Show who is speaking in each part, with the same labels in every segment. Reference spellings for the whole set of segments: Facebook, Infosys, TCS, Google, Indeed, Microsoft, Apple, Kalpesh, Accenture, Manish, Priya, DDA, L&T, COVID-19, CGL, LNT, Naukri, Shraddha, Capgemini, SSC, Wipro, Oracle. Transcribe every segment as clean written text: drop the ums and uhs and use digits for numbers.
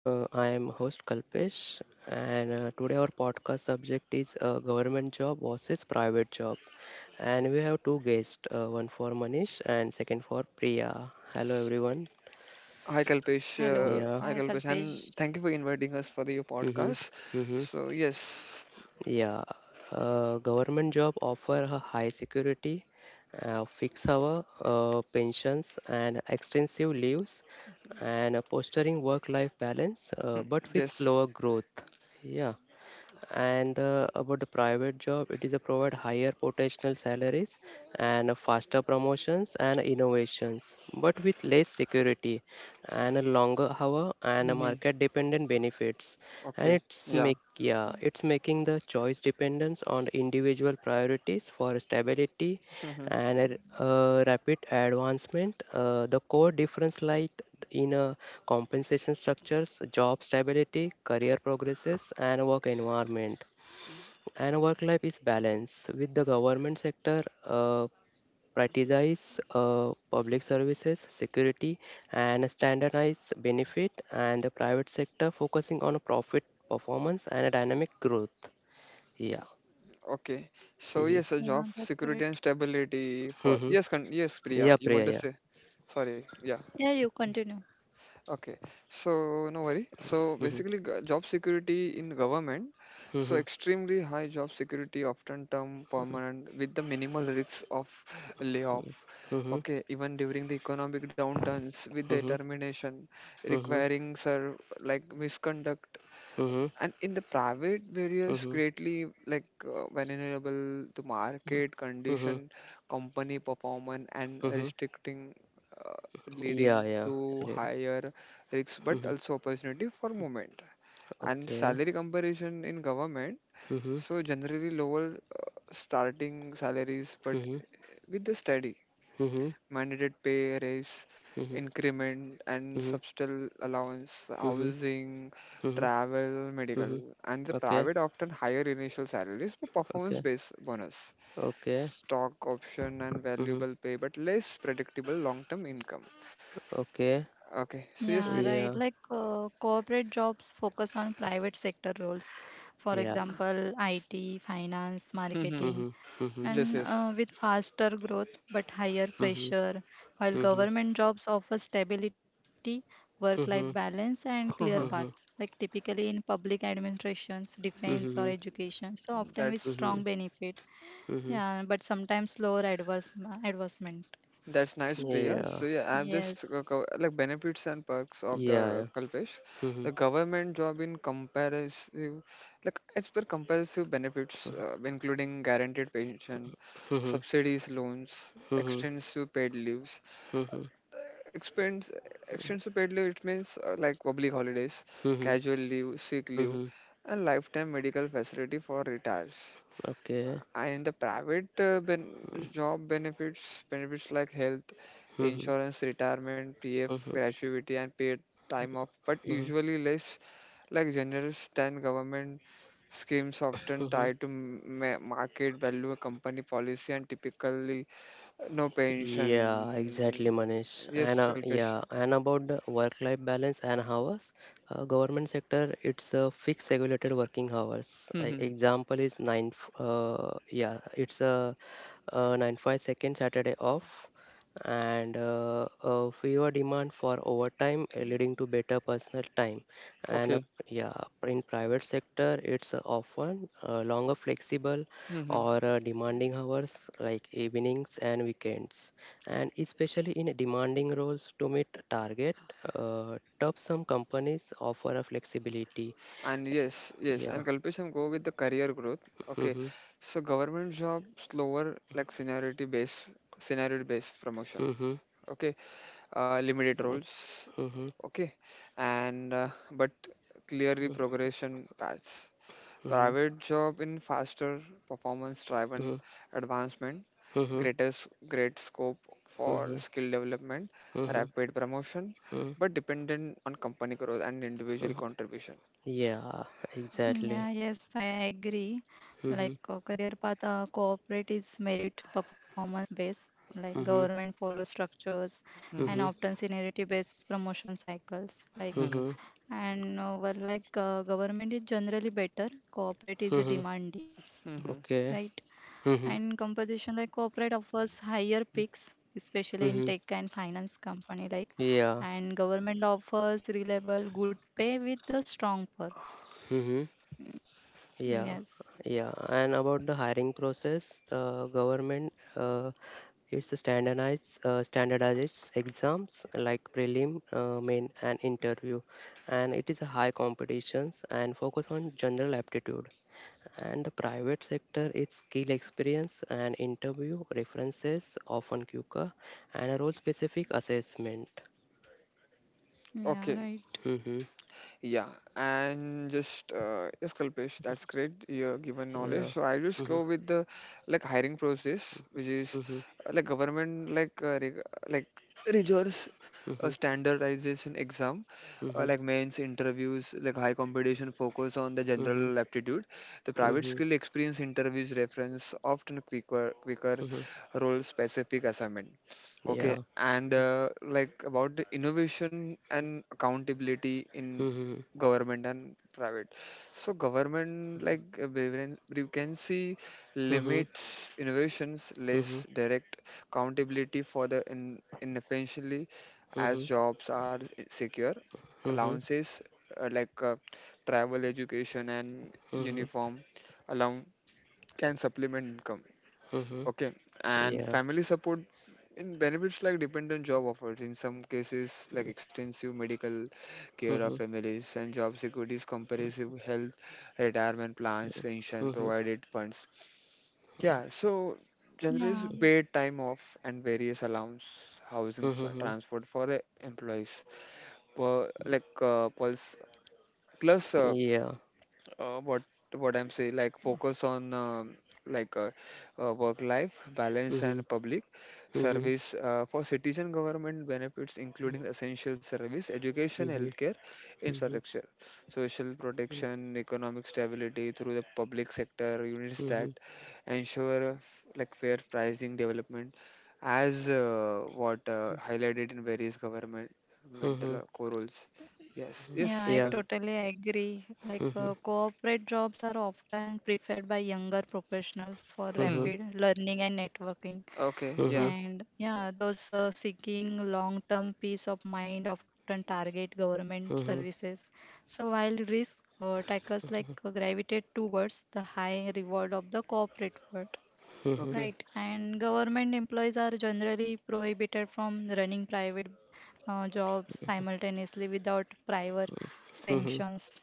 Speaker 1: I am host Kalpesh, and today our podcast subject is government job versus private job. And we have two guests, one for Manish and second for Priya. Hello everyone.
Speaker 2: Hi Kalpesh,
Speaker 3: Hello.
Speaker 2: uh,
Speaker 1: Yeah.
Speaker 3: Hi,
Speaker 2: hi Kalpesh,
Speaker 3: Kalpesh.
Speaker 2: and thank you for inviting us for your
Speaker 1: Mm-hmm.
Speaker 2: podcast.
Speaker 1: Mm-hmm.
Speaker 2: So
Speaker 1: Yeah. Government job offer a high security, fixed hour, pensions, and extensive leaves, and a fostering work-life balance, but with
Speaker 2: yes,
Speaker 1: slower growth. Yeah. and about the private job it is a provide higher potential salaries and faster promotions and innovations but with less security and a longer hour and a
Speaker 2: hmm
Speaker 1: market dependent benefits and
Speaker 2: okay,
Speaker 1: it's
Speaker 2: yeah,
Speaker 1: make yeah it's making the choice dependence on the individual priorities for stability
Speaker 2: hmm
Speaker 1: and rapid advancement. The core difference lies in compensation structures, job stability, career progresses, and work environment. And work life is balanced with the government sector. Prioritize public services, security, and standardize benefit, and the private sector focusing on profit performance and dynamic growth. Yeah.
Speaker 2: okay. So
Speaker 1: Mhm.
Speaker 2: yes, a
Speaker 3: Yeah,
Speaker 2: job
Speaker 3: that's
Speaker 2: security
Speaker 3: right.
Speaker 2: and stability for
Speaker 1: Mhm.
Speaker 2: yes, yes, Priya,
Speaker 1: Yeah,
Speaker 2: you
Speaker 1: Priya.
Speaker 2: want to
Speaker 1: Yeah.
Speaker 2: say? Sorry, yeah.
Speaker 3: Yeah, you continue.
Speaker 2: Okay, so no worry. So
Speaker 1: Mhm.
Speaker 2: basically, job security in government, so
Speaker 1: Mhm.
Speaker 2: extremely high job security, often term permanent, with the minimal risks of layoff.
Speaker 1: Mhm.
Speaker 2: Okay, even during the economic downturns, with the
Speaker 1: Mhm.
Speaker 2: termination
Speaker 1: Mhm.
Speaker 2: requiring, sir, like misconduct,
Speaker 1: Mhm.
Speaker 2: and in the private various
Speaker 1: Mhm.
Speaker 2: greatly, like vulnerable to market condition,
Speaker 1: Mhm.
Speaker 2: company performance, and
Speaker 1: Mhm.
Speaker 2: restricting, uh, leading
Speaker 1: Yeah. Yeah.
Speaker 2: to
Speaker 1: I did it.
Speaker 2: higher risks but
Speaker 1: Mhm.
Speaker 2: also opportunity for movement. And
Speaker 1: Okay.
Speaker 2: salary comparison in government,
Speaker 1: Mhm.
Speaker 2: so generally lower starting salaries but
Speaker 1: Mhm.
Speaker 2: with the steady
Speaker 1: Mhm.
Speaker 2: mandated pay raise,
Speaker 1: Mhm.
Speaker 2: increment, and
Speaker 1: Mhm.
Speaker 2: substantial allowance,
Speaker 1: Mhm.
Speaker 2: housing,
Speaker 1: Mhm.
Speaker 2: travel, medical,
Speaker 1: Mhm.
Speaker 2: and the
Speaker 1: Okay.
Speaker 2: private often higher initial salaries for
Speaker 1: Okay.
Speaker 2: performance-based bonus,
Speaker 1: Okay.
Speaker 2: stock option, and
Speaker 1: Mhm.
Speaker 2: valuable pay, but less predictable long-term income.
Speaker 1: Okay.
Speaker 2: Okay, so yes,
Speaker 3: Yeah,
Speaker 2: Priya.
Speaker 3: right.
Speaker 1: Yeah.
Speaker 3: Like corporate jobs focus on private sector roles, for
Speaker 1: Yeah.
Speaker 3: example, IT, finance,
Speaker 2: Mhm.
Speaker 3: marketing,
Speaker 1: Mhm. Mhm.
Speaker 2: Yes,
Speaker 3: and
Speaker 2: yes.
Speaker 3: with faster growth but higher
Speaker 1: Mhm.
Speaker 3: pressure, while
Speaker 1: Mhm.
Speaker 3: government jobs offer stability, work life
Speaker 1: Mhm.
Speaker 3: balance, and clear paths,
Speaker 1: Mhm.
Speaker 3: like typically in public administrations, defense, or
Speaker 1: Mhm.
Speaker 3: education, so often with
Speaker 2: That's
Speaker 3: strong
Speaker 1: Mhm.
Speaker 3: benefit.
Speaker 1: Mhm.
Speaker 3: Yeah, but sometimes slower adverse advancement.
Speaker 2: That's nice, Priya.
Speaker 1: Yeah.
Speaker 2: So yeah, I'm just
Speaker 3: Yes.
Speaker 2: like benefits and perks of the
Speaker 1: Yeah.
Speaker 2: Kalpesh.
Speaker 1: Mhm.
Speaker 2: The government job in comparative, like as per comparative benefits, including guaranteed pension,
Speaker 1: Mhm.
Speaker 2: subsidies, loans,
Speaker 1: Mhm.
Speaker 2: extensive paid leaves.
Speaker 1: Mhm.
Speaker 2: Expense, extensive paid leave. It means like public holidays,
Speaker 1: Mhm,
Speaker 2: casual leave, sick leave,
Speaker 1: mhm,
Speaker 2: and lifetime medical facility for retirees,
Speaker 1: okay.
Speaker 2: and the private ben job benefits like health
Speaker 1: Mhm,
Speaker 2: insurance, retirement, pf,
Speaker 1: mhm, mhm,
Speaker 2: gratuity, and paid time off but
Speaker 1: mhm,
Speaker 2: usually less like generous than government schemes, often
Speaker 1: mhm.
Speaker 2: tied to market value, company policy, and typically no
Speaker 1: Yeah, exactly,
Speaker 2: pension.
Speaker 1: Manish. And
Speaker 2: Yes, Kalpesh.
Speaker 1: yeah, and about the work-life balance and hours, government sector it's a fixed regulated working hours. Uh, example is yeah, it's a nine five second Saturday off, and fewer demand for overtime, leading to better personal time. And
Speaker 2: Okay.
Speaker 1: yeah, in private sector it's often longer flexible or demanding hours like evenings and weekends and especially in demanding roles to meet target top some companies offer a flexibility
Speaker 2: And yes, yes,
Speaker 1: yeah
Speaker 2: and Kalpesh, I'm go with the career growth. Okay,
Speaker 1: mm-hmm.
Speaker 2: so government job slower, like seniority based promotion.
Speaker 1: Mm-hmm.
Speaker 2: Okay, limited roles.
Speaker 1: Mm-hmm.
Speaker 2: Okay, and but clearly
Speaker 1: Mm-hmm.
Speaker 2: progression paths.
Speaker 1: Mm-hmm.
Speaker 2: Private job in faster performance driven advancement,
Speaker 1: Mm-hmm.
Speaker 2: greatest great scope for
Speaker 1: Mm-hmm.
Speaker 2: skill development,
Speaker 1: Mm-hmm.
Speaker 2: rapid promotion,
Speaker 1: Mm-hmm.
Speaker 2: but dependent on company growth and individual contribution.
Speaker 1: Yeah,
Speaker 3: Yeah,
Speaker 1: exactly.
Speaker 3: yes, I agree. Like
Speaker 1: Mm-hmm.
Speaker 3: career path, corporate is merit performance based. Like
Speaker 1: Mm-hmm.
Speaker 3: government follows structures and
Speaker 2: Hmm.
Speaker 1: Mm-hmm.
Speaker 3: often seniority based promotion cycles. Like,
Speaker 1: Mm-hmm.
Speaker 3: and well, like government is generally better, corporate is
Speaker 1: Mm-hmm.
Speaker 3: demanding, right?
Speaker 2: Mm-hmm.
Speaker 1: Okay.
Speaker 3: And
Speaker 1: Mm-hmm.
Speaker 3: compensation, like corporate offers higher peaks especially in tech
Speaker 1: Mm-hmm.
Speaker 3: and finance company, like,
Speaker 1: Yeah.
Speaker 3: and government offers reliable good pay with the strong perks.
Speaker 1: Mm-hmm. Yeah,
Speaker 3: Yes.
Speaker 1: yeah. And about the hiring process, the government it's a standardized exams like prelim, main, and interview, and it is a high competitions and focus on general aptitude. And the private sector, it's skill experience and interview references, often QCA, and a role-specific assessment.
Speaker 3: Yeah,
Speaker 2: Okay,
Speaker 3: right.
Speaker 1: Mm-hmm.
Speaker 2: yeah, and just yes, Kalpesh, that's great. You're given
Speaker 1: Yeah.
Speaker 2: knowledge, so I just
Speaker 1: Mm-hmm.
Speaker 2: go with the like hiring process, which is
Speaker 1: Mm-hmm.
Speaker 2: like government like like rigorous,
Speaker 1: Mm-hmm.
Speaker 2: standardization exam,
Speaker 1: Mm-hmm.
Speaker 2: like mains interviews, like high competition focus on the
Speaker 1: Mm-hmm.
Speaker 2: general aptitude. The private
Speaker 1: Mm-hmm.
Speaker 2: skill experience interviews reference often quicker
Speaker 1: Mm-hmm,
Speaker 2: role specific assignment. Okay,
Speaker 1: yeah.
Speaker 2: and like about the innovation and accountability in
Speaker 1: Mm-hmm.
Speaker 2: government and private, so government like we can, you can see
Speaker 1: Mhm,
Speaker 2: limits innovations, less
Speaker 1: mhm,
Speaker 2: direct accountability for the in efficiently as
Speaker 1: mhm,
Speaker 2: jobs are secure.
Speaker 1: mhm,
Speaker 2: Allowances like travel, education, and
Speaker 1: mhm,
Speaker 2: uniform allowance can supplement income.
Speaker 1: mhm,
Speaker 2: Okay, and
Speaker 1: yeah,
Speaker 2: family support in benefits like dependent job offers in some cases like extensive medical care of
Speaker 1: mhm,
Speaker 2: families and job securities, comprehensive health retirement plans, pension,
Speaker 1: mhm,
Speaker 2: provided funds. Yeah, so
Speaker 3: Yeah,
Speaker 2: generally is paid time off and various allowance, housing,
Speaker 1: mhm,
Speaker 2: transport for the employees, like plus
Speaker 1: yeah,
Speaker 2: what I'm saying, like focus on like work-life balance
Speaker 1: mhm,
Speaker 2: and public
Speaker 1: mhm, mhm,
Speaker 2: service for citizen. Government benefits, including essential service, education,
Speaker 1: mhm, mhm, mhm,
Speaker 2: healthcare, infrastructure, social
Speaker 1: yeah,
Speaker 2: protection, economic stability through the public sector units
Speaker 1: mhm, mhm,
Speaker 2: that
Speaker 1: mhm,
Speaker 2: ensure like fair pricing development, as what highlighted in various government
Speaker 1: mhm, mhm,
Speaker 2: mental
Speaker 1: mhm,
Speaker 2: core roles. Yes,
Speaker 3: yeah,
Speaker 2: yes,
Speaker 3: I totally agree, like corporate jobs are often preferred by younger professionals for
Speaker 2: Hmm,
Speaker 3: rapid learning and networking.
Speaker 2: okay, yeah.
Speaker 3: And yeah, those seeking long term peace of mind often target government services. So, while risk takers like gravitate towards the high reward of the corporate world,
Speaker 2: Okay.
Speaker 3: right? And government employees are generally prohibited from running private jobs simultaneously without prior sanctions.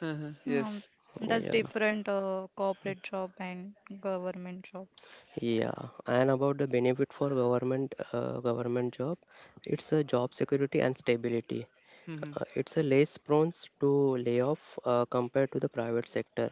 Speaker 3: Mm,
Speaker 2: Yes.
Speaker 3: that's
Speaker 1: yeah,
Speaker 3: different corporate job and government jobs.
Speaker 1: yeah. And about the benefit for government, government job, it's a job security and stability.
Speaker 2: Mhm.
Speaker 1: It's a less prone to layoff compared to the private sector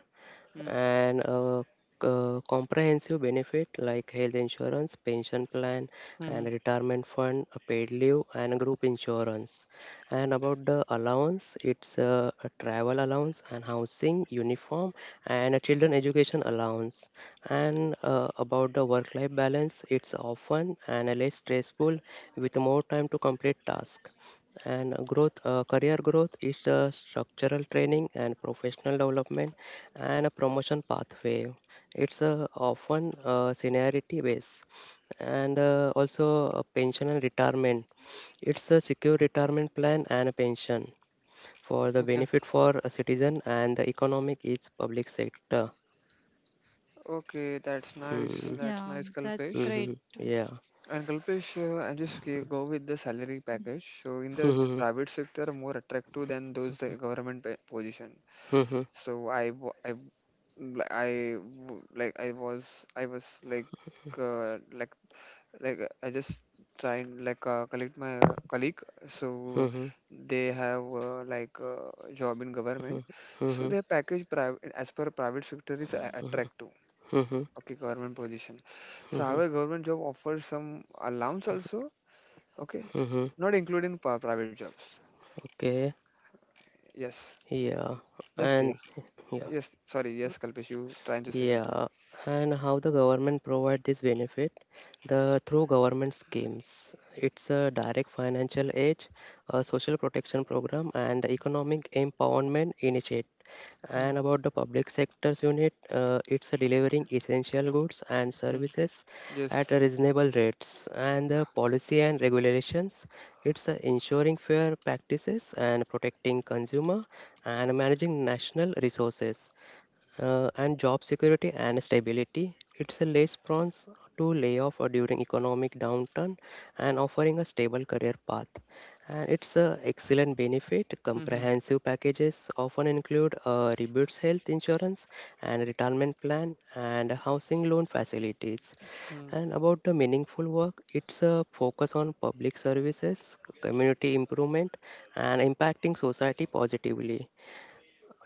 Speaker 2: Mm.
Speaker 1: and a comprehensive benefit like health insurance, pension plan, and
Speaker 2: Mhm.
Speaker 1: retirement fund, a paid leave, and group insurance. And about the allowance, it's a travel allowance and housing, uniform, and a children education allowance. And about the work-life balance, it's often and a less stressful with more time to complete task. And growth, career growth is the structural training and professional development and a promotion pathway. It's often seniority based and also pension and retirement it's a secure retirement plan and a pension for the
Speaker 2: Okay.
Speaker 1: benefit for a citizen and the economic is public sector.
Speaker 2: Okay. That's nice.
Speaker 1: Hmm.
Speaker 2: That's
Speaker 3: Yeah,
Speaker 2: nice,
Speaker 3: that's
Speaker 2: Kalpesh.
Speaker 3: great.
Speaker 1: Mhm. Yeah.
Speaker 2: And Kalpesh, I just go with the salary package. So in the
Speaker 1: Mhm.
Speaker 2: private sector, more attractive than those the government position. So I, w- li- I w- like I was like uh, like I just try and like collect my colleague. So
Speaker 1: Mhm.
Speaker 2: they have like job in government.
Speaker 1: Mhm.
Speaker 2: So
Speaker 1: Mhm.
Speaker 2: their package private as per private sector is attractive.
Speaker 1: Mhm. Mhm.
Speaker 2: Okay, government position. So
Speaker 1: Mhm.
Speaker 2: however, government job offers some allowance also. Okay,
Speaker 1: Mhm.
Speaker 2: not including private jobs.
Speaker 1: Okay.
Speaker 2: Yes,
Speaker 1: Yeah.
Speaker 2: just Priya.
Speaker 1: And yeah.
Speaker 2: Yes, sorry. Yes, Kalpesh, you trying to say something?
Speaker 1: Yeah, and how the government provide this benefit? The through government schemes. It's a direct financial aid, a social protection program, and the economic empowerment initiative.
Speaker 2: Hmm.
Speaker 1: And about the public sector's unit, it's a delivering essential goods and
Speaker 2: Hmm.
Speaker 1: services at
Speaker 2: Yes.
Speaker 1: a reasonable rates. And the policy and regulations, it's a ensuring fair practices and protecting consumer and managing national resources and job security and stability. It's a less prone to layoff or during economic downturn and offering a stable career path. And it's an excellent benefit.
Speaker 2: Hmm. Hmm.
Speaker 1: Comprehensive packages often include rebates health insurance and retirement plan and housing loan facilities.
Speaker 2: Hmm.
Speaker 1: And about the meaningful work, it's a focus on public services, community improvement, and impacting society positively.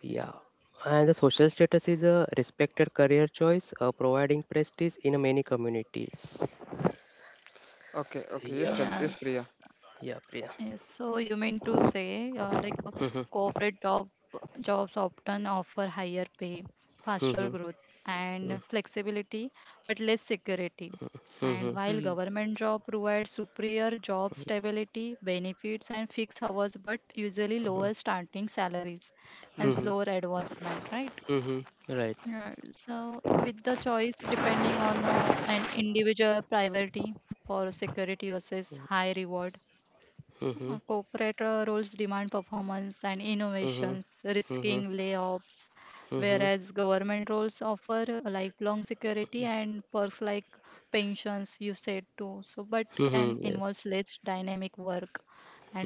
Speaker 1: Yeah. And the social status is a respected career choice, providing prestige in many communities.
Speaker 2: Okay. Okay. Yes,
Speaker 1: Yeah.
Speaker 2: Kal. Yes, Priya.
Speaker 3: Yes,
Speaker 1: Yeah, Priya.
Speaker 3: yes. So you mean to say, like
Speaker 1: Mm-hmm.
Speaker 3: corporate jobs often offer higher pay, faster
Speaker 1: Mm-hmm.
Speaker 3: growth, and flexibility, but less security. And
Speaker 1: Mm-hmm.
Speaker 3: while
Speaker 2: Hmm.
Speaker 3: government job provides superior job stability, benefits, and fixed hours, but usually lower starting salaries
Speaker 2: Hmm.
Speaker 3: and
Speaker 1: Mm-hmm.
Speaker 3: slower advancement, right?
Speaker 1: Mm-hmm. Right.
Speaker 3: Yeah, so with the choice depending on an individual priority for security versus high reward.
Speaker 1: Mm-hmm.
Speaker 3: Corporate roles demand performance and
Speaker 1: Mm-hmm.
Speaker 3: innovations,
Speaker 1: Mm-hmm.
Speaker 3: risking layoffs,
Speaker 1: Mm-hmm.
Speaker 3: whereas government roles offer a lifelong security and perks like pensions, you said too. So, but can
Speaker 1: Mm-hmm. Yes.
Speaker 3: involve less dynamic work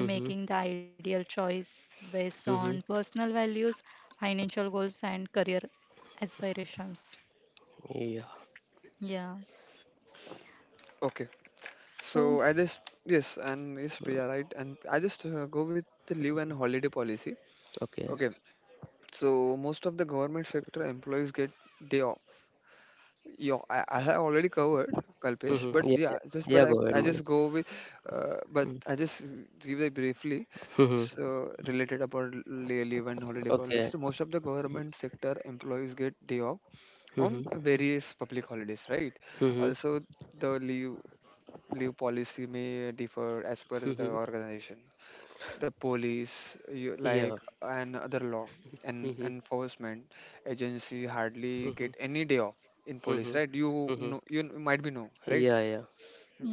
Speaker 3: and making the ideal choice based
Speaker 1: Mm-hmm.
Speaker 3: on personal values, financial goals, and career aspirations.
Speaker 1: Yeah.
Speaker 3: Yeah.
Speaker 2: Okay.
Speaker 3: So,
Speaker 2: So I just yes, and yes, Priya, right? And I just go with the leave and holiday policy.
Speaker 1: Okay.
Speaker 2: Okay, so most of the government sector employees get day off. Yeah, I have already covered, Kalpesh, but
Speaker 1: Mm-hmm. Yeah.
Speaker 2: yeah, just but
Speaker 1: Yeah, go ahead,
Speaker 2: I
Speaker 1: Manish.
Speaker 2: just go with, but I
Speaker 1: Mm-hmm.
Speaker 2: just give it briefly.
Speaker 1: Mm-hmm.
Speaker 2: So related about leave and holiday policy.
Speaker 1: Okay.
Speaker 2: So most of the government sector employees get day off on
Speaker 1: Mm-hmm.
Speaker 2: various public holidays, right?
Speaker 1: Mm-hmm.
Speaker 2: Also, the leave policy may differ as per the
Speaker 1: Mm-hmm.
Speaker 2: organization. The police, you,
Speaker 1: Yeah.
Speaker 2: like, and other law and
Speaker 1: Mm-hmm.
Speaker 2: enforcement agency hardly
Speaker 1: Mm-hmm.
Speaker 2: get any day off in police,
Speaker 1: Mm-hmm.
Speaker 2: right? you
Speaker 1: Mm-hmm.
Speaker 2: know you n- might be know right
Speaker 1: Yeah, yeah.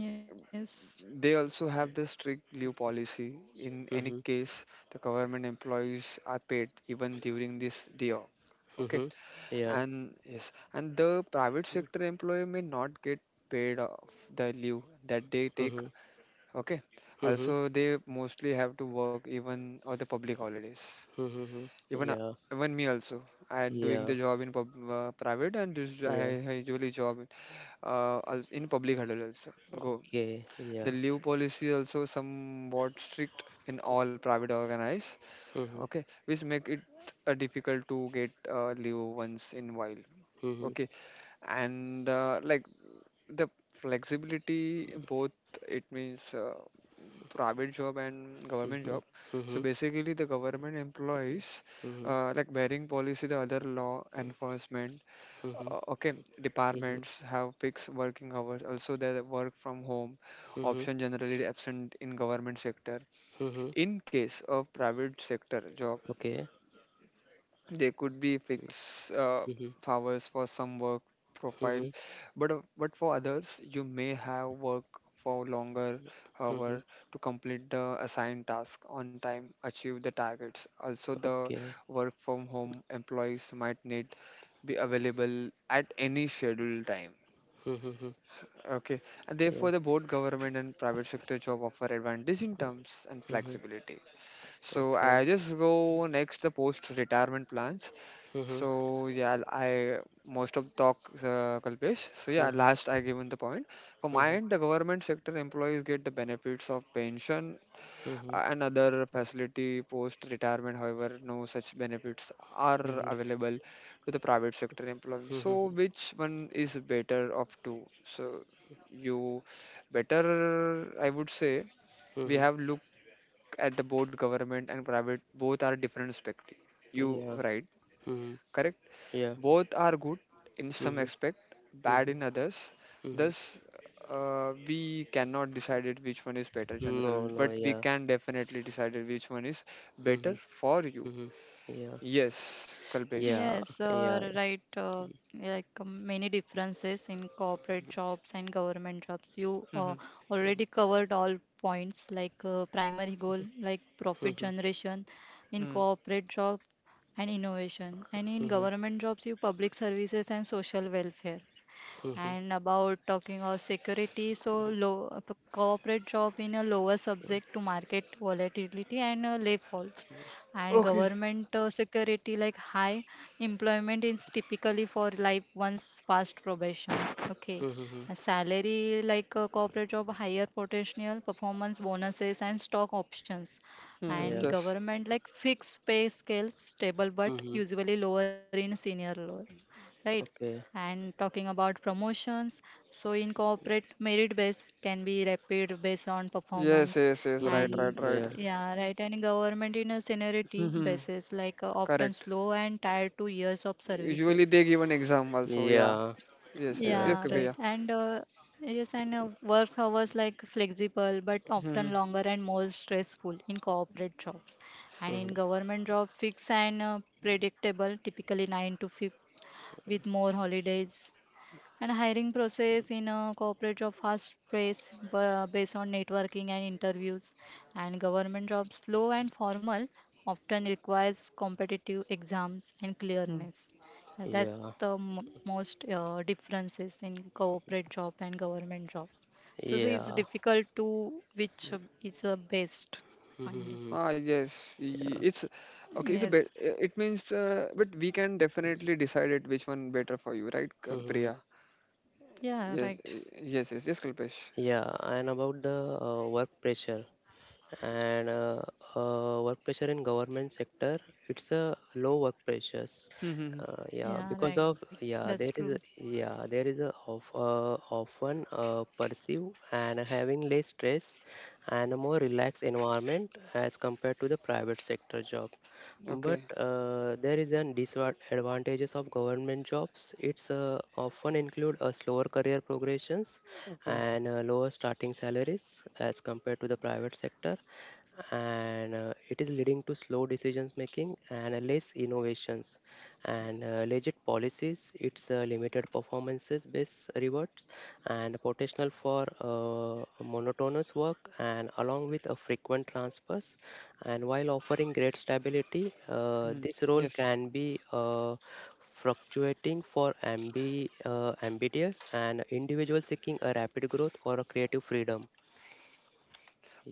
Speaker 3: yes.
Speaker 2: They also have the strict leave policy. In any
Speaker 1: Mm-hmm.
Speaker 2: case, the government employees are paid even during this day off. Okay,
Speaker 1: Mhm. Yeah.
Speaker 2: and yes, and the private sector employee may not get paid off the leave that they take.
Speaker 1: Mhm.
Speaker 2: Okay.
Speaker 1: Mhm.
Speaker 2: Also, they mostly have to work even on the public holidays.
Speaker 1: Mhm. Mhm.
Speaker 2: Even
Speaker 1: Yeah.
Speaker 2: even me also. I doing
Speaker 1: Yeah.
Speaker 2: the job in private, and this
Speaker 1: Yeah.
Speaker 2: I usually job in public holiday also. Go.
Speaker 1: Okay.
Speaker 2: The
Speaker 1: Yeah.
Speaker 2: leave policy also somewhat strict in all private organized.
Speaker 1: Mhm.
Speaker 2: Okay, which make it difficult to get leave once in while.
Speaker 1: Mhm.
Speaker 2: Okay, and like the flexibility, both. It means private job and government
Speaker 1: Mhm.
Speaker 2: job. So
Speaker 1: Mhm.
Speaker 2: basically, the government employees
Speaker 1: Mhm.
Speaker 2: like bearing policy, the other law enforcement,
Speaker 1: Mhm.
Speaker 2: okay,
Speaker 1: Mhm.
Speaker 2: departments have fixed working hours. Also, they work from home
Speaker 1: Mhm.
Speaker 2: option generally absent in government sector.
Speaker 1: Mhm.
Speaker 2: In case of private sector job,
Speaker 1: Okay.
Speaker 2: they could be fixed
Speaker 1: Mhm.
Speaker 2: hours for some work profile,
Speaker 1: Mhm.
Speaker 2: but for others, you may have work for longer
Speaker 1: Mhm.
Speaker 2: hour to complete the assigned task on time, achieve the targets. Also, the
Speaker 1: Okay.
Speaker 2: work from home employees might need be available at any scheduled time.
Speaker 1: Mhm. Mhm.
Speaker 2: Okay, and
Speaker 1: Yeah.
Speaker 2: therefore, the both government and private sector job offer advantage in terms and
Speaker 1: Mhm.
Speaker 2: flexibility. So
Speaker 1: Okay.
Speaker 2: I just go next the post retirement plans.
Speaker 1: Mhm.
Speaker 2: So yeah, l- I most of talk Kalpesh. So yeah,
Speaker 1: Mhm.
Speaker 2: last I given the point. For my
Speaker 1: Mhm.
Speaker 2: end, the government sector employees get the benefits of pension
Speaker 1: Mhm.
Speaker 2: and other facility post retirement. However, no such benefits are
Speaker 1: Mhm.
Speaker 2: available to the private sector employees. So
Speaker 1: Mhm.
Speaker 2: which one is better of two? So you better, I would say, we
Speaker 1: Mhm.
Speaker 2: have look at the both government and private. Both are different perspective. You
Speaker 1: Yeah.
Speaker 2: right?
Speaker 1: Mhm.
Speaker 2: Correct?
Speaker 1: Yeah.
Speaker 2: Both are good in some
Speaker 1: Mhm.
Speaker 2: aspect, bad
Speaker 1: Mhm.
Speaker 2: in others.
Speaker 1: Mhm.
Speaker 2: Thus, we cannot decide it which one is better
Speaker 1: No.
Speaker 2: general,
Speaker 1: No.
Speaker 2: but we
Speaker 1: Yeah.
Speaker 2: can definitely decide it which one is better
Speaker 1: Mhm.
Speaker 2: for you.
Speaker 1: Mhm. Yeah.
Speaker 2: Yes, Kalpesh.
Speaker 1: Yeah.
Speaker 3: Yes,
Speaker 1: Yeah.
Speaker 3: right. Like many differences in corporate jobs and government jobs. You
Speaker 2: Mm-hmm.
Speaker 3: already covered all points, like primary goal, like profit
Speaker 1: Mm-hmm.
Speaker 3: generation, in
Speaker 2: Mm.
Speaker 3: corporate job and innovation, and in
Speaker 1: Mm-hmm.
Speaker 3: government jobs, you public services and social welfare,
Speaker 1: Mm-hmm.
Speaker 3: and about talking of security, so low corporate job in a lower subject to market volatility and lay falls, and
Speaker 2: Okay.
Speaker 3: government security like high employment is typically for life once past probations, okay.
Speaker 1: Mm-hmm.
Speaker 3: A salary like a corporate job higher potential performance bonuses and stock options,
Speaker 2: Hmm,
Speaker 1: Yeah.
Speaker 3: and
Speaker 2: yes.
Speaker 3: government like fixed pay scales stable but
Speaker 1: Mm-hmm.
Speaker 3: usually lower in senior lower, right.
Speaker 1: Okay.
Speaker 3: And talking about promotions, so in corporate, merit based can be rapid based on
Speaker 2: Yes,
Speaker 3: performance,
Speaker 2: yes, yes. Right,
Speaker 1: Mm-hmm.
Speaker 3: and
Speaker 2: right, right.
Speaker 1: Yeah.
Speaker 3: yeah, right. And government in a seniority
Speaker 2: Hmm.
Speaker 3: basis, like often
Speaker 2: Correct.
Speaker 3: slow and tied to years of
Speaker 2: Usually
Speaker 3: services.
Speaker 2: they give an exam also. Yeah.
Speaker 1: Yeah.
Speaker 2: Yes, yes,
Speaker 1: Right.
Speaker 2: yes,
Speaker 3: Yeah,
Speaker 1: Right.
Speaker 3: right.
Speaker 2: Kalpesh.
Speaker 3: And yes, and work hours like flexible, but
Speaker 2: Yeah.
Speaker 3: often longer and more stressful in corporate jobs, and in
Speaker 1: Mm-hmm.
Speaker 3: government job, fixed and predictable, typically nine to five, with more holidays. And hiring process in a corporate job fast pace based on networking and interviews. And government jobs slow and formal, often requires competitive exams and
Speaker 2: Hmm.
Speaker 3: clearness. That's
Speaker 1: Yeah.
Speaker 3: the mo most differences in corporate job and government job. so, it's
Speaker 1: Yeah.
Speaker 3: difficult to which is the best finding.
Speaker 1: Mm-hmm.
Speaker 2: Ah, yes,
Speaker 1: Yeah.
Speaker 2: it's okay. It's a
Speaker 3: Yes.
Speaker 2: bit. It means, but we can definitely decide it which one better for you, right,
Speaker 1: Mm-hmm.
Speaker 2: Priya?
Speaker 3: Yeah,
Speaker 2: Yes,
Speaker 3: right.
Speaker 2: yes, yes, yes, Kalpesh.
Speaker 1: Yeah. And about the work pressure. And Work pressure in government sector it's a low work pressures
Speaker 2: Hmm.
Speaker 1: yeah
Speaker 3: Yeah,
Speaker 1: because
Speaker 3: right.
Speaker 1: of
Speaker 3: That's true.
Speaker 1: yeah there is a of often pursue and having less stress and a more relaxed environment as compared to the private sector job
Speaker 2: Okay.
Speaker 1: but there is an disadvantages of government jobs it's often include a slower career progressions
Speaker 2: Okay.
Speaker 1: and lower starting salaries as compared to the private sector and it is leading to slow decisions making and less innovations and legit policies it's limited performances based rewards and potential for monotonous work and along with a frequent transfers and while offering great stability,
Speaker 2: Hmm.
Speaker 1: this role
Speaker 2: Yes.
Speaker 1: can be fluctuating for ambitious and individuals seeking a rapid growth or a creative freedom.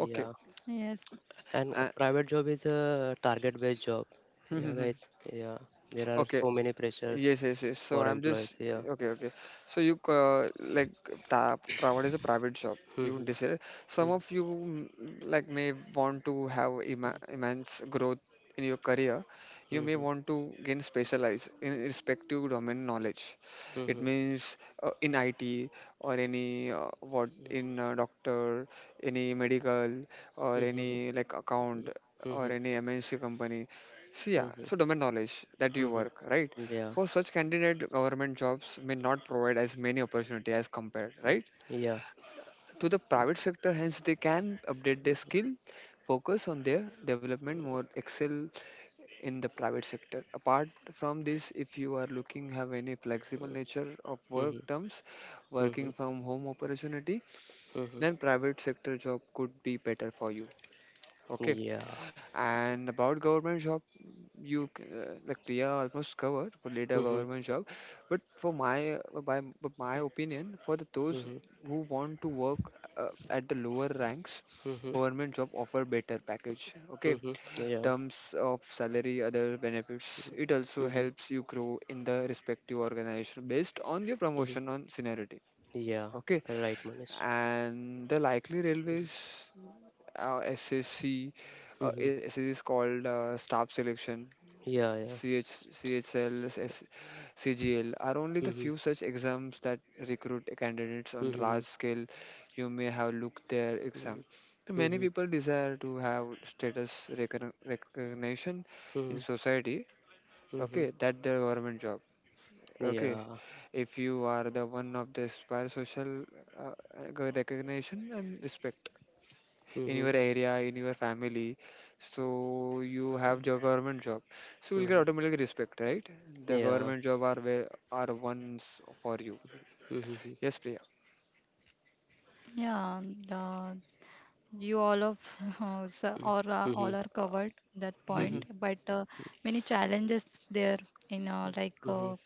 Speaker 2: Okay.
Speaker 3: Yes.
Speaker 1: And a
Speaker 2: Uh,
Speaker 1: private job is a target-based job.
Speaker 2: hmm,
Speaker 1: Yeah,
Speaker 2: hmm.
Speaker 1: guys. Yeah. There are
Speaker 2: Okay.
Speaker 1: so many pressures
Speaker 2: Yes, yes, yes. So
Speaker 1: for
Speaker 2: I'm just
Speaker 1: employees. Yeah.
Speaker 2: okay, okay. So you like ta Pravada is a private shop. You
Speaker 1: Mhm,
Speaker 2: decided some
Speaker 1: mhm,
Speaker 2: of you like may want to have ima immense growth in your career. You may want to gain specialize in respective domain knowledge.
Speaker 1: mhm,
Speaker 2: It
Speaker 1: mhm,
Speaker 2: means in IT or any what in doctor, any medical or
Speaker 1: mhm, mhm, mhm, mhm.
Speaker 2: any like account
Speaker 1: Hmm. Hmm,
Speaker 2: or
Speaker 1: hmm,
Speaker 2: any MNC company. So
Speaker 1: hmm,
Speaker 2: yeah,
Speaker 1: hmm, hmm,
Speaker 2: so domain knowledge that you
Speaker 1: hmm,
Speaker 2: work, right?
Speaker 1: hmm. Yeah.
Speaker 2: For such candidate, government jobs may not provide as many opportunity as compared, right?
Speaker 1: Yeah.
Speaker 2: To the
Speaker 1: Mhm,
Speaker 2: private sector, hence they can update their skill, focus on their development, more excel in the private sector. Apart from this, if you are looking have any flexible nature of work
Speaker 1: mhm,
Speaker 2: terms, working
Speaker 1: mhm,
Speaker 2: from home opportunity,
Speaker 1: mhm.
Speaker 2: then private sector job could be better for you. Okay.
Speaker 1: Yeah.
Speaker 2: And about government job, you like Priya almost covered for later government job, but for my but my opinion, for the, those
Speaker 1: Mhm.
Speaker 2: who want to work at the lower ranks,
Speaker 1: Mhm.
Speaker 2: government job offer better package. Okay,
Speaker 1: Mhm. Yeah.
Speaker 2: terms of salary, other benefits. It also
Speaker 1: Mhm.
Speaker 2: helps you grow in the respective organization based on your
Speaker 1: Mhm.
Speaker 2: promotion on seniority.
Speaker 1: Yeah.
Speaker 2: Okay,
Speaker 1: Right, Manish.
Speaker 2: and the likely railways, SSC,
Speaker 1: Mhm.
Speaker 2: it is called staff selection
Speaker 1: Yeah. Yeah.
Speaker 2: CH,
Speaker 1: S-
Speaker 2: CHL,
Speaker 1: s-
Speaker 2: CGL, are only the
Speaker 1: Mhm.
Speaker 2: few such exams that recruit candidates on
Speaker 1: Mhm.
Speaker 2: large scale. You may have looked their
Speaker 1: Mhm.
Speaker 2: exam. So many
Speaker 1: Mhm.
Speaker 2: people desire to have status recognition in
Speaker 1: Mhm.
Speaker 2: society.
Speaker 1: Mhm.
Speaker 2: Okay, that the government job. Okay,
Speaker 1: Yeah.
Speaker 2: if you are the one of the aspire social uh, recognition and respect in
Speaker 1: Mhm.
Speaker 2: your area, in your family. So you have your government job. So you'll get
Speaker 1: Mhm.
Speaker 2: automatic respect, right? The
Speaker 1: Yeah.
Speaker 2: government job are where are ones for you.
Speaker 1: Mhm.
Speaker 2: Yes, Priya.
Speaker 3: Yeah, the you all of us,
Speaker 1: Mhm.
Speaker 3: or all
Speaker 1: Mhm.
Speaker 3: are
Speaker 2: Uh,
Speaker 3: covered that
Speaker 2: Mhm.
Speaker 1: Mhm.
Speaker 3: point, but many challenges there in like
Speaker 1: Mhm.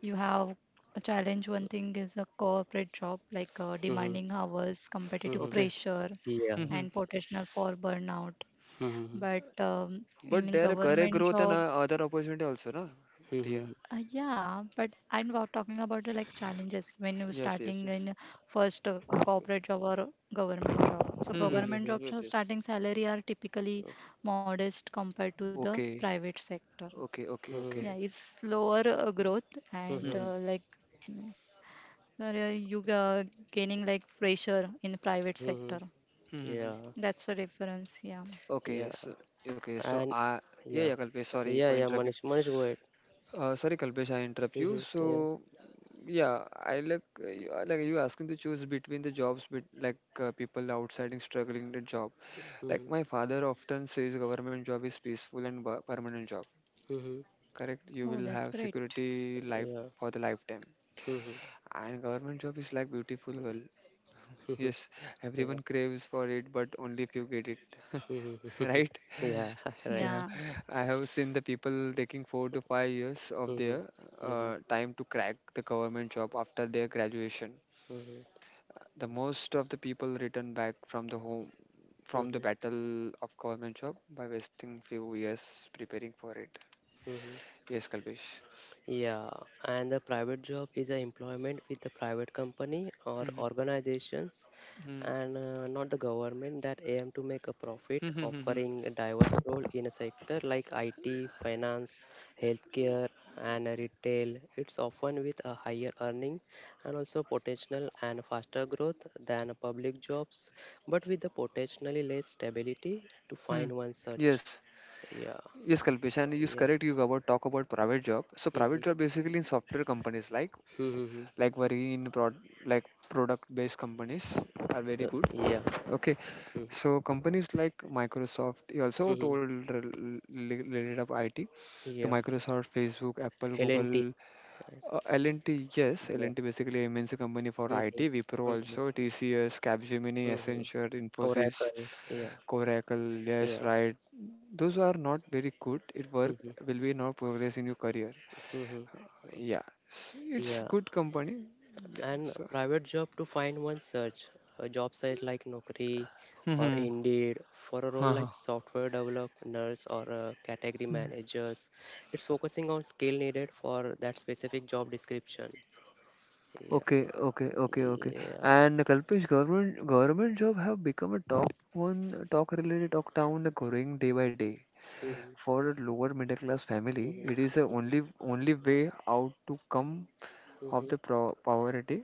Speaker 3: you have a challenge. One thing is a corporate job, like
Speaker 1: Mhm.
Speaker 3: demanding hours competitive
Speaker 1: Mhm.
Speaker 2: Okay.
Speaker 3: pressure
Speaker 1: Yeah.
Speaker 3: and
Speaker 2: Mhm.
Speaker 3: potential for burnout,
Speaker 1: Mhm.
Speaker 3: but
Speaker 2: But
Speaker 3: in
Speaker 2: there are career
Speaker 3: government
Speaker 2: growth and
Speaker 3: job
Speaker 2: other opportunity also, na, Priya?
Speaker 1: Mhm.
Speaker 3: yeah, but I'm are talking about the like challenges when you're
Speaker 2: Yes, yes,
Speaker 3: starting
Speaker 2: yes.
Speaker 3: in first corporate job or government job. So
Speaker 2: Hmm.
Speaker 3: government
Speaker 1: Mhm.
Speaker 3: jobs are
Speaker 2: Yes, yes.
Speaker 3: starting salary are typically modest compared to the
Speaker 2: Okay,
Speaker 3: private sector.
Speaker 2: okay, okay,
Speaker 3: Yeah,
Speaker 2: okay.
Speaker 1: Mhm.
Speaker 3: it's slower growth and
Speaker 1: Mhm.
Speaker 2: hmm
Speaker 3: like mm, you gaining like pressure in the private sector.
Speaker 1: Mhm.
Speaker 2: hmm
Speaker 1: Yeah.
Speaker 3: That's the difference. Yeah.
Speaker 1: Yeah.
Speaker 2: Okay, so okay, so
Speaker 1: And
Speaker 2: I
Speaker 1: yeah.
Speaker 2: yeah, Kalpesh, sorry
Speaker 1: Yeah.
Speaker 2: for
Speaker 1: Yeah.
Speaker 2: interrupt you.
Speaker 1: Manish. Manish, go ahead.
Speaker 2: Sorry, Kalpesh, I interrupt you.
Speaker 1: Mhm. Yeah.
Speaker 2: So yeah, I like like you asking to choose between the jobs, but like people outside and struggling the job. Like
Speaker 1: Mhm.
Speaker 2: my father often says, government job is peaceful and permanent job.
Speaker 1: Mhm.
Speaker 2: Correct? You
Speaker 3: Oh,
Speaker 2: will
Speaker 3: that's
Speaker 2: have
Speaker 3: great.
Speaker 2: security life
Speaker 1: Yeah.
Speaker 2: for the lifetime.
Speaker 1: Mhm.
Speaker 2: And government job is like beautiful girl.
Speaker 1: Mhm.
Speaker 2: Yes, everyone
Speaker 1: Yeah.
Speaker 2: craves for it, but only few get it,
Speaker 1: Mhm. Mhm.
Speaker 2: right?
Speaker 1: Yeah. Right.
Speaker 2: Yeah,
Speaker 3: Yeah,
Speaker 2: I have seen the people taking 4 to 5 years of
Speaker 1: Mhm.
Speaker 2: their
Speaker 1: Mhm.
Speaker 2: time to crack the government job after their graduation.
Speaker 1: Mhm.
Speaker 2: The most of the people return back from the home from the
Speaker 1: Mhm.
Speaker 2: battle of government job by wasting few years preparing for it.
Speaker 1: Mhm.
Speaker 2: Yes, Kalpesh.
Speaker 1: Yeah. And the private job is a employment with the private company or organizations
Speaker 2: Hmm,
Speaker 1: and not the government that aim to make a profit
Speaker 2: hmm, hmm, hmm, hmm, hmm,
Speaker 1: offering a diverse role in a sector like IT, finance, healthcare and retail it's often with a higher earning and also potential and faster growth than public jobs but with the potentially less stability to
Speaker 2: hmm.
Speaker 1: find one such
Speaker 2: Yes.
Speaker 1: yeah
Speaker 2: Yes, Kalpesh, and you
Speaker 1: yeah.
Speaker 2: correct you about talk about private job. So
Speaker 1: Mhm.
Speaker 2: private job basically in software companies
Speaker 1: Mhm. Mhm.
Speaker 2: like very in prod like product based companies are very good.
Speaker 1: Yeah.
Speaker 2: Okay.
Speaker 1: Mhm.
Speaker 2: So companies like Microsoft, you also
Speaker 1: Mhm.
Speaker 2: told related of IT. So
Speaker 1: Yeah,
Speaker 2: Microsoft, Facebook, Apple, Google,
Speaker 1: L&T. I see.
Speaker 2: L&T, yes,
Speaker 1: Yeah.
Speaker 2: L&T basically MNC company for
Speaker 1: Mhm.
Speaker 2: IT, Wipro
Speaker 1: Mhm.
Speaker 2: also, TCS, Capgemini,
Speaker 1: Mhm.
Speaker 2: Accenture, Infosys,
Speaker 1: Oracle, yeah.
Speaker 2: Oracle, yes,
Speaker 1: Yeah.
Speaker 2: right. Those are not very good. It work
Speaker 1: Hmm
Speaker 2: will be not progress in your career.
Speaker 1: hmm.
Speaker 2: Yeah, it's
Speaker 1: Yeah.
Speaker 2: good company. Yeah,
Speaker 1: And a
Speaker 2: so.
Speaker 1: private job to find one search a job site like Naukri or
Speaker 2: Mm-hmm.
Speaker 1: Indeed for a role
Speaker 2: Uh-huh.
Speaker 1: like software developer, nurse, or category managers. It's focusing on skill needed for that specific job description. Yeah.
Speaker 2: Okay, okay, okay, okay.
Speaker 1: Yeah.
Speaker 2: And Kalpesh, government job have become a talk one talk related talk town growing day by day.
Speaker 1: Hmm
Speaker 2: For a lower middle class family, it
Speaker 1: hmm
Speaker 2: is the only way out to come
Speaker 1: hmm
Speaker 2: of
Speaker 1: hmm
Speaker 2: the poverty.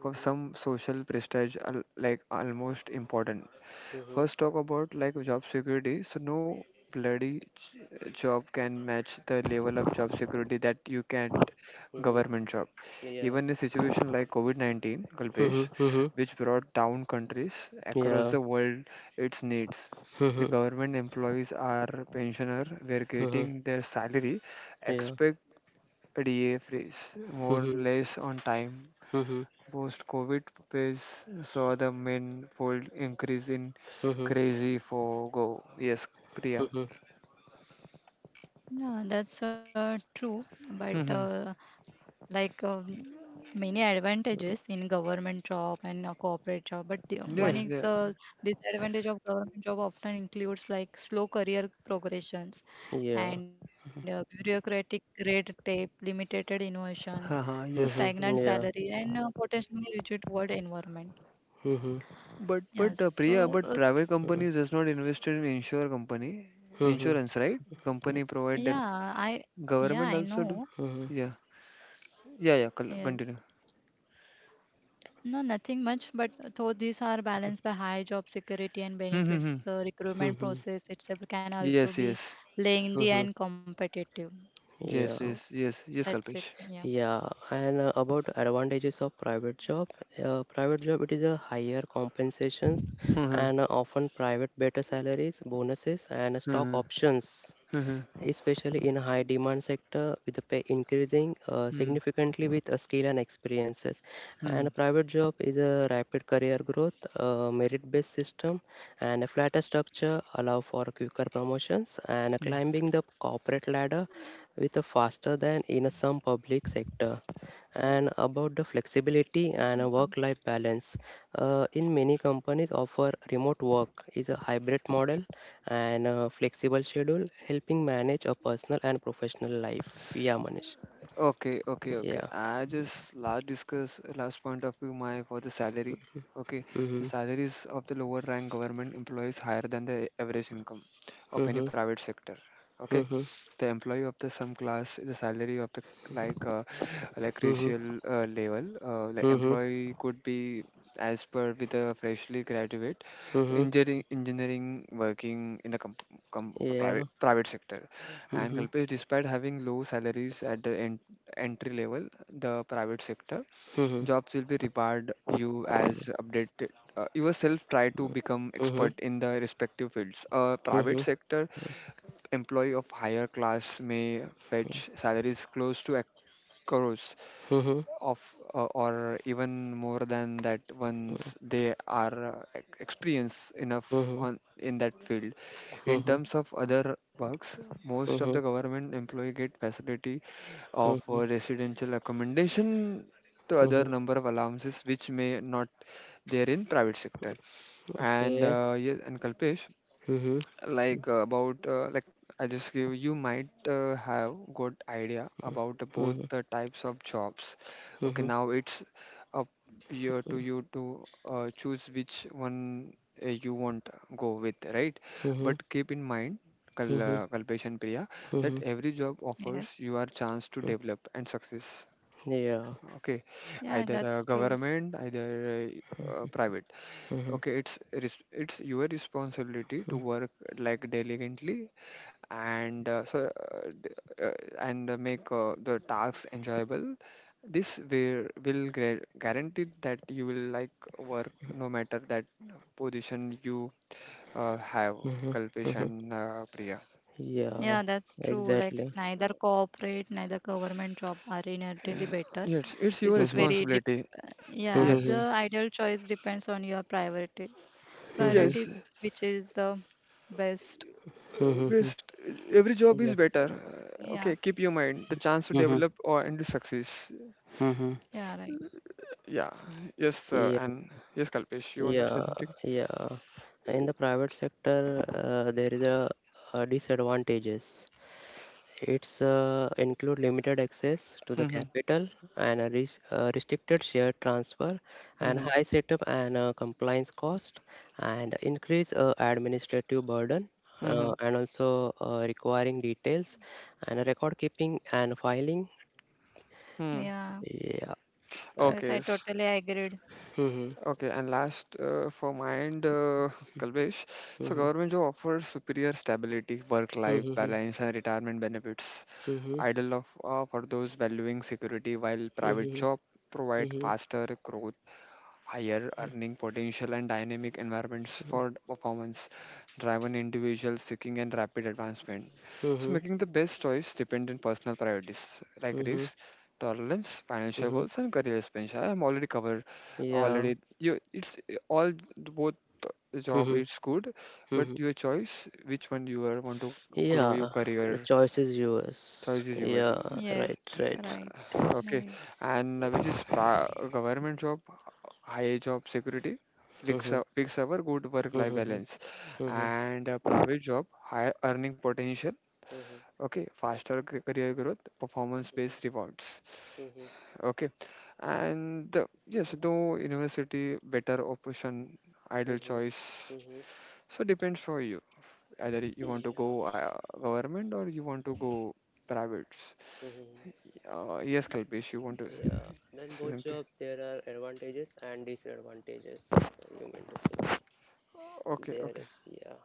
Speaker 2: For some social prestige, like almost important.
Speaker 1: hmm
Speaker 2: First, talk about like job security. So no job can match the level of job security that you can
Speaker 1: hmm.
Speaker 2: government job.
Speaker 1: Yeah.
Speaker 2: Even a situation like COVID-19,
Speaker 1: Hmm
Speaker 2: Kalpesh,
Speaker 1: hmm.
Speaker 2: which brought down countries across
Speaker 1: Yeah.
Speaker 2: the world its needs.
Speaker 1: Hmm
Speaker 2: The
Speaker 1: hmm.
Speaker 2: government employees are pensioner were getting their salary,
Speaker 1: Yeah.
Speaker 2: expect a D A freeze,
Speaker 1: Hmm
Speaker 2: more or
Speaker 1: hmm
Speaker 2: less on time.
Speaker 1: hmm
Speaker 2: Post-COVID pace saw the manifold increase in crazy for go. Yes, Priya.
Speaker 1: hmm
Speaker 3: yeah, that's true. But
Speaker 2: Mhm.
Speaker 3: like many advantages in government job and a corporate job, but one
Speaker 1: hmm.
Speaker 2: Yes,
Speaker 3: is
Speaker 2: yeah.
Speaker 3: a disadvantage of government job often includes like slow career progressions
Speaker 1: Yeah.
Speaker 3: and bureaucratic red tape limited innovations, so
Speaker 2: Haha, yes.
Speaker 3: stagnant
Speaker 1: Mhm.
Speaker 3: salary
Speaker 1: Yeah.
Speaker 3: and potentially rigid work environment.
Speaker 1: Mhm.
Speaker 2: But
Speaker 3: Yes. So
Speaker 2: Priya, but private
Speaker 1: Mhm.
Speaker 2: companies does not invest in insure company
Speaker 1: Mhm.
Speaker 2: insurance, right? Company provide their
Speaker 3: yeah, I
Speaker 2: government also do.
Speaker 3: know
Speaker 1: Mhm.
Speaker 2: Yeah,
Speaker 3: yes.
Speaker 2: Continue.
Speaker 3: No, nothing much, but though these are balanced by high job security and
Speaker 2: Hmm, hmm, hmm.
Speaker 3: benefits, the recruitment
Speaker 1: Mhm.
Speaker 3: process itself can also
Speaker 2: Yes,
Speaker 3: be
Speaker 2: yes,
Speaker 3: lengthy
Speaker 1: Mhm.
Speaker 3: and competitive.
Speaker 2: yes,
Speaker 3: So
Speaker 1: Yeah.
Speaker 2: yes, yes, yes,
Speaker 3: that's it.
Speaker 2: Kalpesh.
Speaker 3: Yeah.
Speaker 1: Yeah. And about advantages of private job it is a higher compensations
Speaker 2: Hmm,
Speaker 1: and often private better salaries, bonuses, and stock
Speaker 2: hmm,
Speaker 1: options,
Speaker 2: hmm, hmm,
Speaker 1: especially in high demand sector with the pay increasing
Speaker 2: hmm,
Speaker 1: significantly with skill and experiences
Speaker 2: hmm,
Speaker 1: and private job is a rapid career growth merit based system and a flatter structure allow for quicker promotions and
Speaker 2: hmm.
Speaker 1: climbing the corporate ladder with a faster than in a some public sector and about the flexibility and a
Speaker 3: Mhm. Some.
Speaker 1: work-life balance. In many companies offer remote work is a hybrid model and a flexible schedule, helping manage a personal and professional life. Yeah, Manish.
Speaker 2: Okay, okay, okay.
Speaker 1: Yeah.
Speaker 2: I just last discuss last point of view my for the salary. Okay, the
Speaker 1: Mm-hmm.
Speaker 2: salaries of the lower rank government employees higher than the average income of any
Speaker 1: Mm-hmm.
Speaker 2: private sector. Okay,
Speaker 1: Mm-hmm.
Speaker 2: the employee of the some class the salary of the like uh, like
Speaker 1: Mm-hmm.
Speaker 2: racial level like
Speaker 1: Mm-hmm.
Speaker 2: employee could be as per with a freshly graduate
Speaker 1: Mm-hmm.
Speaker 2: engineering working in the
Speaker 1: Yeah.
Speaker 2: private sector. And
Speaker 1: Mm-hmm.
Speaker 2: Kalpesh, despite having low salaries at the entry level, the private sector
Speaker 1: Mm-hmm.
Speaker 2: jobs will be reward you as updated, yourself try to become
Speaker 1: Mm-hmm.
Speaker 2: expert in the respective fields. Private
Speaker 1: Mm-hmm.
Speaker 2: sector employee of higher class may fetch salaries close to a crores
Speaker 1: Mm-hmm. Mm-hmm.
Speaker 2: of or even more than that once they are experienced enough on in that field. In
Speaker 1: Mm-hmm.
Speaker 2: terms of other perks, most of the
Speaker 1: Mm-hmm.
Speaker 2: government employee get facility of
Speaker 1: Mm-hmm.
Speaker 2: residential accommodation to other
Speaker 1: Mm-hmm.
Speaker 2: number of allowances which may not there in private sector. And
Speaker 1: Okay.
Speaker 2: yes, and Kalpesh,
Speaker 1: Mm-hmm.
Speaker 2: like about like I just give you might have good idea about the both
Speaker 1: Mm-hmm.
Speaker 2: the types of jobs. Okay,
Speaker 1: Mm-hmm.
Speaker 2: now it's up here to you to choose which one you want go with, right?
Speaker 1: Mm-hmm.
Speaker 2: But keep in mind,
Speaker 1: Mm-hmm.
Speaker 2: Kalpesh and Priya, that every job offers
Speaker 3: Yes.
Speaker 2: you a chance to
Speaker 1: Mm-hmm.
Speaker 2: develop and success.
Speaker 1: Yeah.
Speaker 2: Okay,
Speaker 3: Yeah,
Speaker 2: either
Speaker 3: that's true.
Speaker 2: government either private.
Speaker 1: Mm-hmm.
Speaker 2: Okay, it's it's your responsibility to work like diligently and uh, d- uh, make the tasks enjoyable. This will guarantee that you will like work no matter that position you have,
Speaker 1: Mm-hmm.
Speaker 2: Kalpesh
Speaker 1: Mm-hmm.
Speaker 2: and Priya.
Speaker 1: Yeah.
Speaker 3: Yeah, that's true. Like
Speaker 1: Exactly.
Speaker 3: neither corporate, neither government job are inherently better.
Speaker 2: Yeah, it's your
Speaker 3: It's
Speaker 1: Mm-hmm.
Speaker 3: very dep
Speaker 2: responsibility.
Speaker 3: Yeah,
Speaker 2: Yes.
Speaker 1: Mm-hmm.
Speaker 3: the ideal choice depends on your priority
Speaker 1: Mm-hmm.
Speaker 2: Yes,
Speaker 3: priorities, which is the best.
Speaker 1: Mm-hmm. Mm-hmm.
Speaker 2: best. Every job is
Speaker 1: Yeah.
Speaker 2: better.
Speaker 3: Yeah,
Speaker 2: Okay, keep your mind the chance to
Speaker 1: Mm-hmm.
Speaker 2: develop or and to success.
Speaker 1: Mm-hmm.
Speaker 3: yeah, right.
Speaker 2: Yeah. Yes,
Speaker 1: Yeah,
Speaker 2: and yes, Kalpesh, you wanted to say
Speaker 1: yeah,
Speaker 2: something?
Speaker 1: yeah. In the private sector, a disadvantages. It's include limited access to the
Speaker 2: hmm
Speaker 1: capital and a res restricted share transfer and
Speaker 2: hmm
Speaker 1: high setup and compliance cost and increase administrative burden
Speaker 2: hmm
Speaker 1: and also requiring details and record keeping and filing.
Speaker 2: Hmm.
Speaker 3: Yeah.
Speaker 1: Yeah.
Speaker 3: Yes,
Speaker 2: Okay.
Speaker 3: I totally agreed.
Speaker 1: Mm-hmm.
Speaker 2: Okay. And last for my end, Kalpesh. So
Speaker 1: Mm-hmm.
Speaker 2: government job offers superior stability, work-life
Speaker 1: Mm-hmm.
Speaker 2: balance, and retirement benefits. Ideal of for those valuing security, while private
Speaker 1: Mm-hmm.
Speaker 2: job provide
Speaker 1: Mhm,
Speaker 2: faster growth, higher earning potential and dynamic environments
Speaker 1: mhm,
Speaker 2: for performance driven individuals seeking and rapid advancement. So
Speaker 1: mhm,
Speaker 2: making the best choice depends on personal priorities like
Speaker 1: mhm,
Speaker 2: risk, tolerance, financial
Speaker 1: mhm.
Speaker 2: goals and career expansion. I am already covered,
Speaker 1: Yeah.
Speaker 2: already you it's all both job
Speaker 1: Mhm,
Speaker 2: it's good, but
Speaker 1: mhm.
Speaker 2: your choice which one you are want to grow your
Speaker 1: Yeah, the
Speaker 2: career.
Speaker 1: choice is yours.
Speaker 2: Choice is yours.
Speaker 1: Yeah,
Speaker 3: Yes,
Speaker 1: right, right.
Speaker 3: right,
Speaker 2: Okay.
Speaker 3: right.
Speaker 2: And
Speaker 1: Yeah.
Speaker 2: which is pra government job, high job security,
Speaker 1: Mhm,
Speaker 2: fixed hour, good work-life
Speaker 1: mhm, mhm,
Speaker 2: balance,
Speaker 1: mhm,
Speaker 2: and private job, high earning potential. Okay, career growth, performance-based rewards.
Speaker 1: mhm,
Speaker 2: Okay, and yes, though university better option, ideal
Speaker 1: mhm,
Speaker 2: choice.
Speaker 1: mhm.
Speaker 2: So depends for you. Either you want to
Speaker 1: Yeah.
Speaker 2: go government or you want to go private.
Speaker 1: Mhm.
Speaker 2: Yes, Kalpesh, you want to
Speaker 1: Yeah. Then
Speaker 2: say
Speaker 1: both
Speaker 2: something?
Speaker 1: job there are advantages and disadvantages. You mean to say that
Speaker 2: Okay,
Speaker 1: there
Speaker 2: okay.
Speaker 1: is, yeah.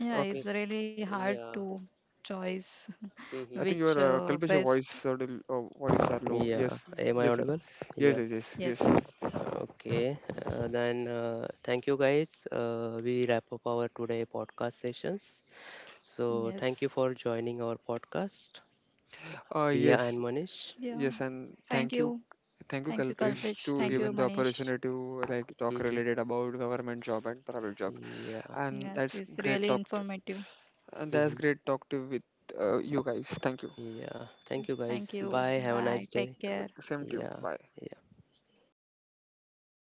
Speaker 3: Yeah,
Speaker 2: Okay.
Speaker 1: Okay.
Speaker 3: it's really hard
Speaker 1: Yeah.
Speaker 3: to choose
Speaker 1: Mhm,
Speaker 2: I
Speaker 1: mhm.
Speaker 2: think
Speaker 3: which
Speaker 2: your Kalpesh, your
Speaker 3: best.
Speaker 2: voice are voice are low. Yes,
Speaker 1: Yeah. Am I
Speaker 2: yes, yes,
Speaker 1: audible?
Speaker 2: yes,
Speaker 1: Yeah.
Speaker 2: yes, yes,
Speaker 3: Yes,
Speaker 2: yes.
Speaker 3: yes,
Speaker 1: Okay, then thank you guys. We wrap up our today podcast sessions. So thank you
Speaker 3: yes.
Speaker 1: for joining our podcast, Priya and
Speaker 2: Yes,
Speaker 1: Manish.
Speaker 3: Yeah.
Speaker 2: yes, and
Speaker 3: Thank you.
Speaker 2: thank you,
Speaker 3: Thank you,
Speaker 1: Hmm
Speaker 2: Kalpesh,
Speaker 3: Kalpesh.
Speaker 2: to
Speaker 3: Thank
Speaker 1: hmm
Speaker 3: you,
Speaker 2: given the
Speaker 3: Manish.
Speaker 2: opportunity to like talk
Speaker 1: hmm.
Speaker 2: related about government job and private job,
Speaker 1: Yeah.
Speaker 2: and
Speaker 3: Yes,
Speaker 2: that's
Speaker 3: it's
Speaker 2: great
Speaker 3: really
Speaker 2: talk. To,
Speaker 3: informative.
Speaker 2: and that's
Speaker 1: Hmm.
Speaker 2: great talk to with you guys. Thank you.
Speaker 1: Yeah. Thank you
Speaker 3: Yes, thank
Speaker 1: guys.
Speaker 3: you.
Speaker 1: Bye. Have a
Speaker 3: Bye.
Speaker 1: nice
Speaker 3: Take
Speaker 1: day.
Speaker 3: care.
Speaker 2: Same to you.
Speaker 1: Yeah.
Speaker 2: Bye.
Speaker 1: Yeah.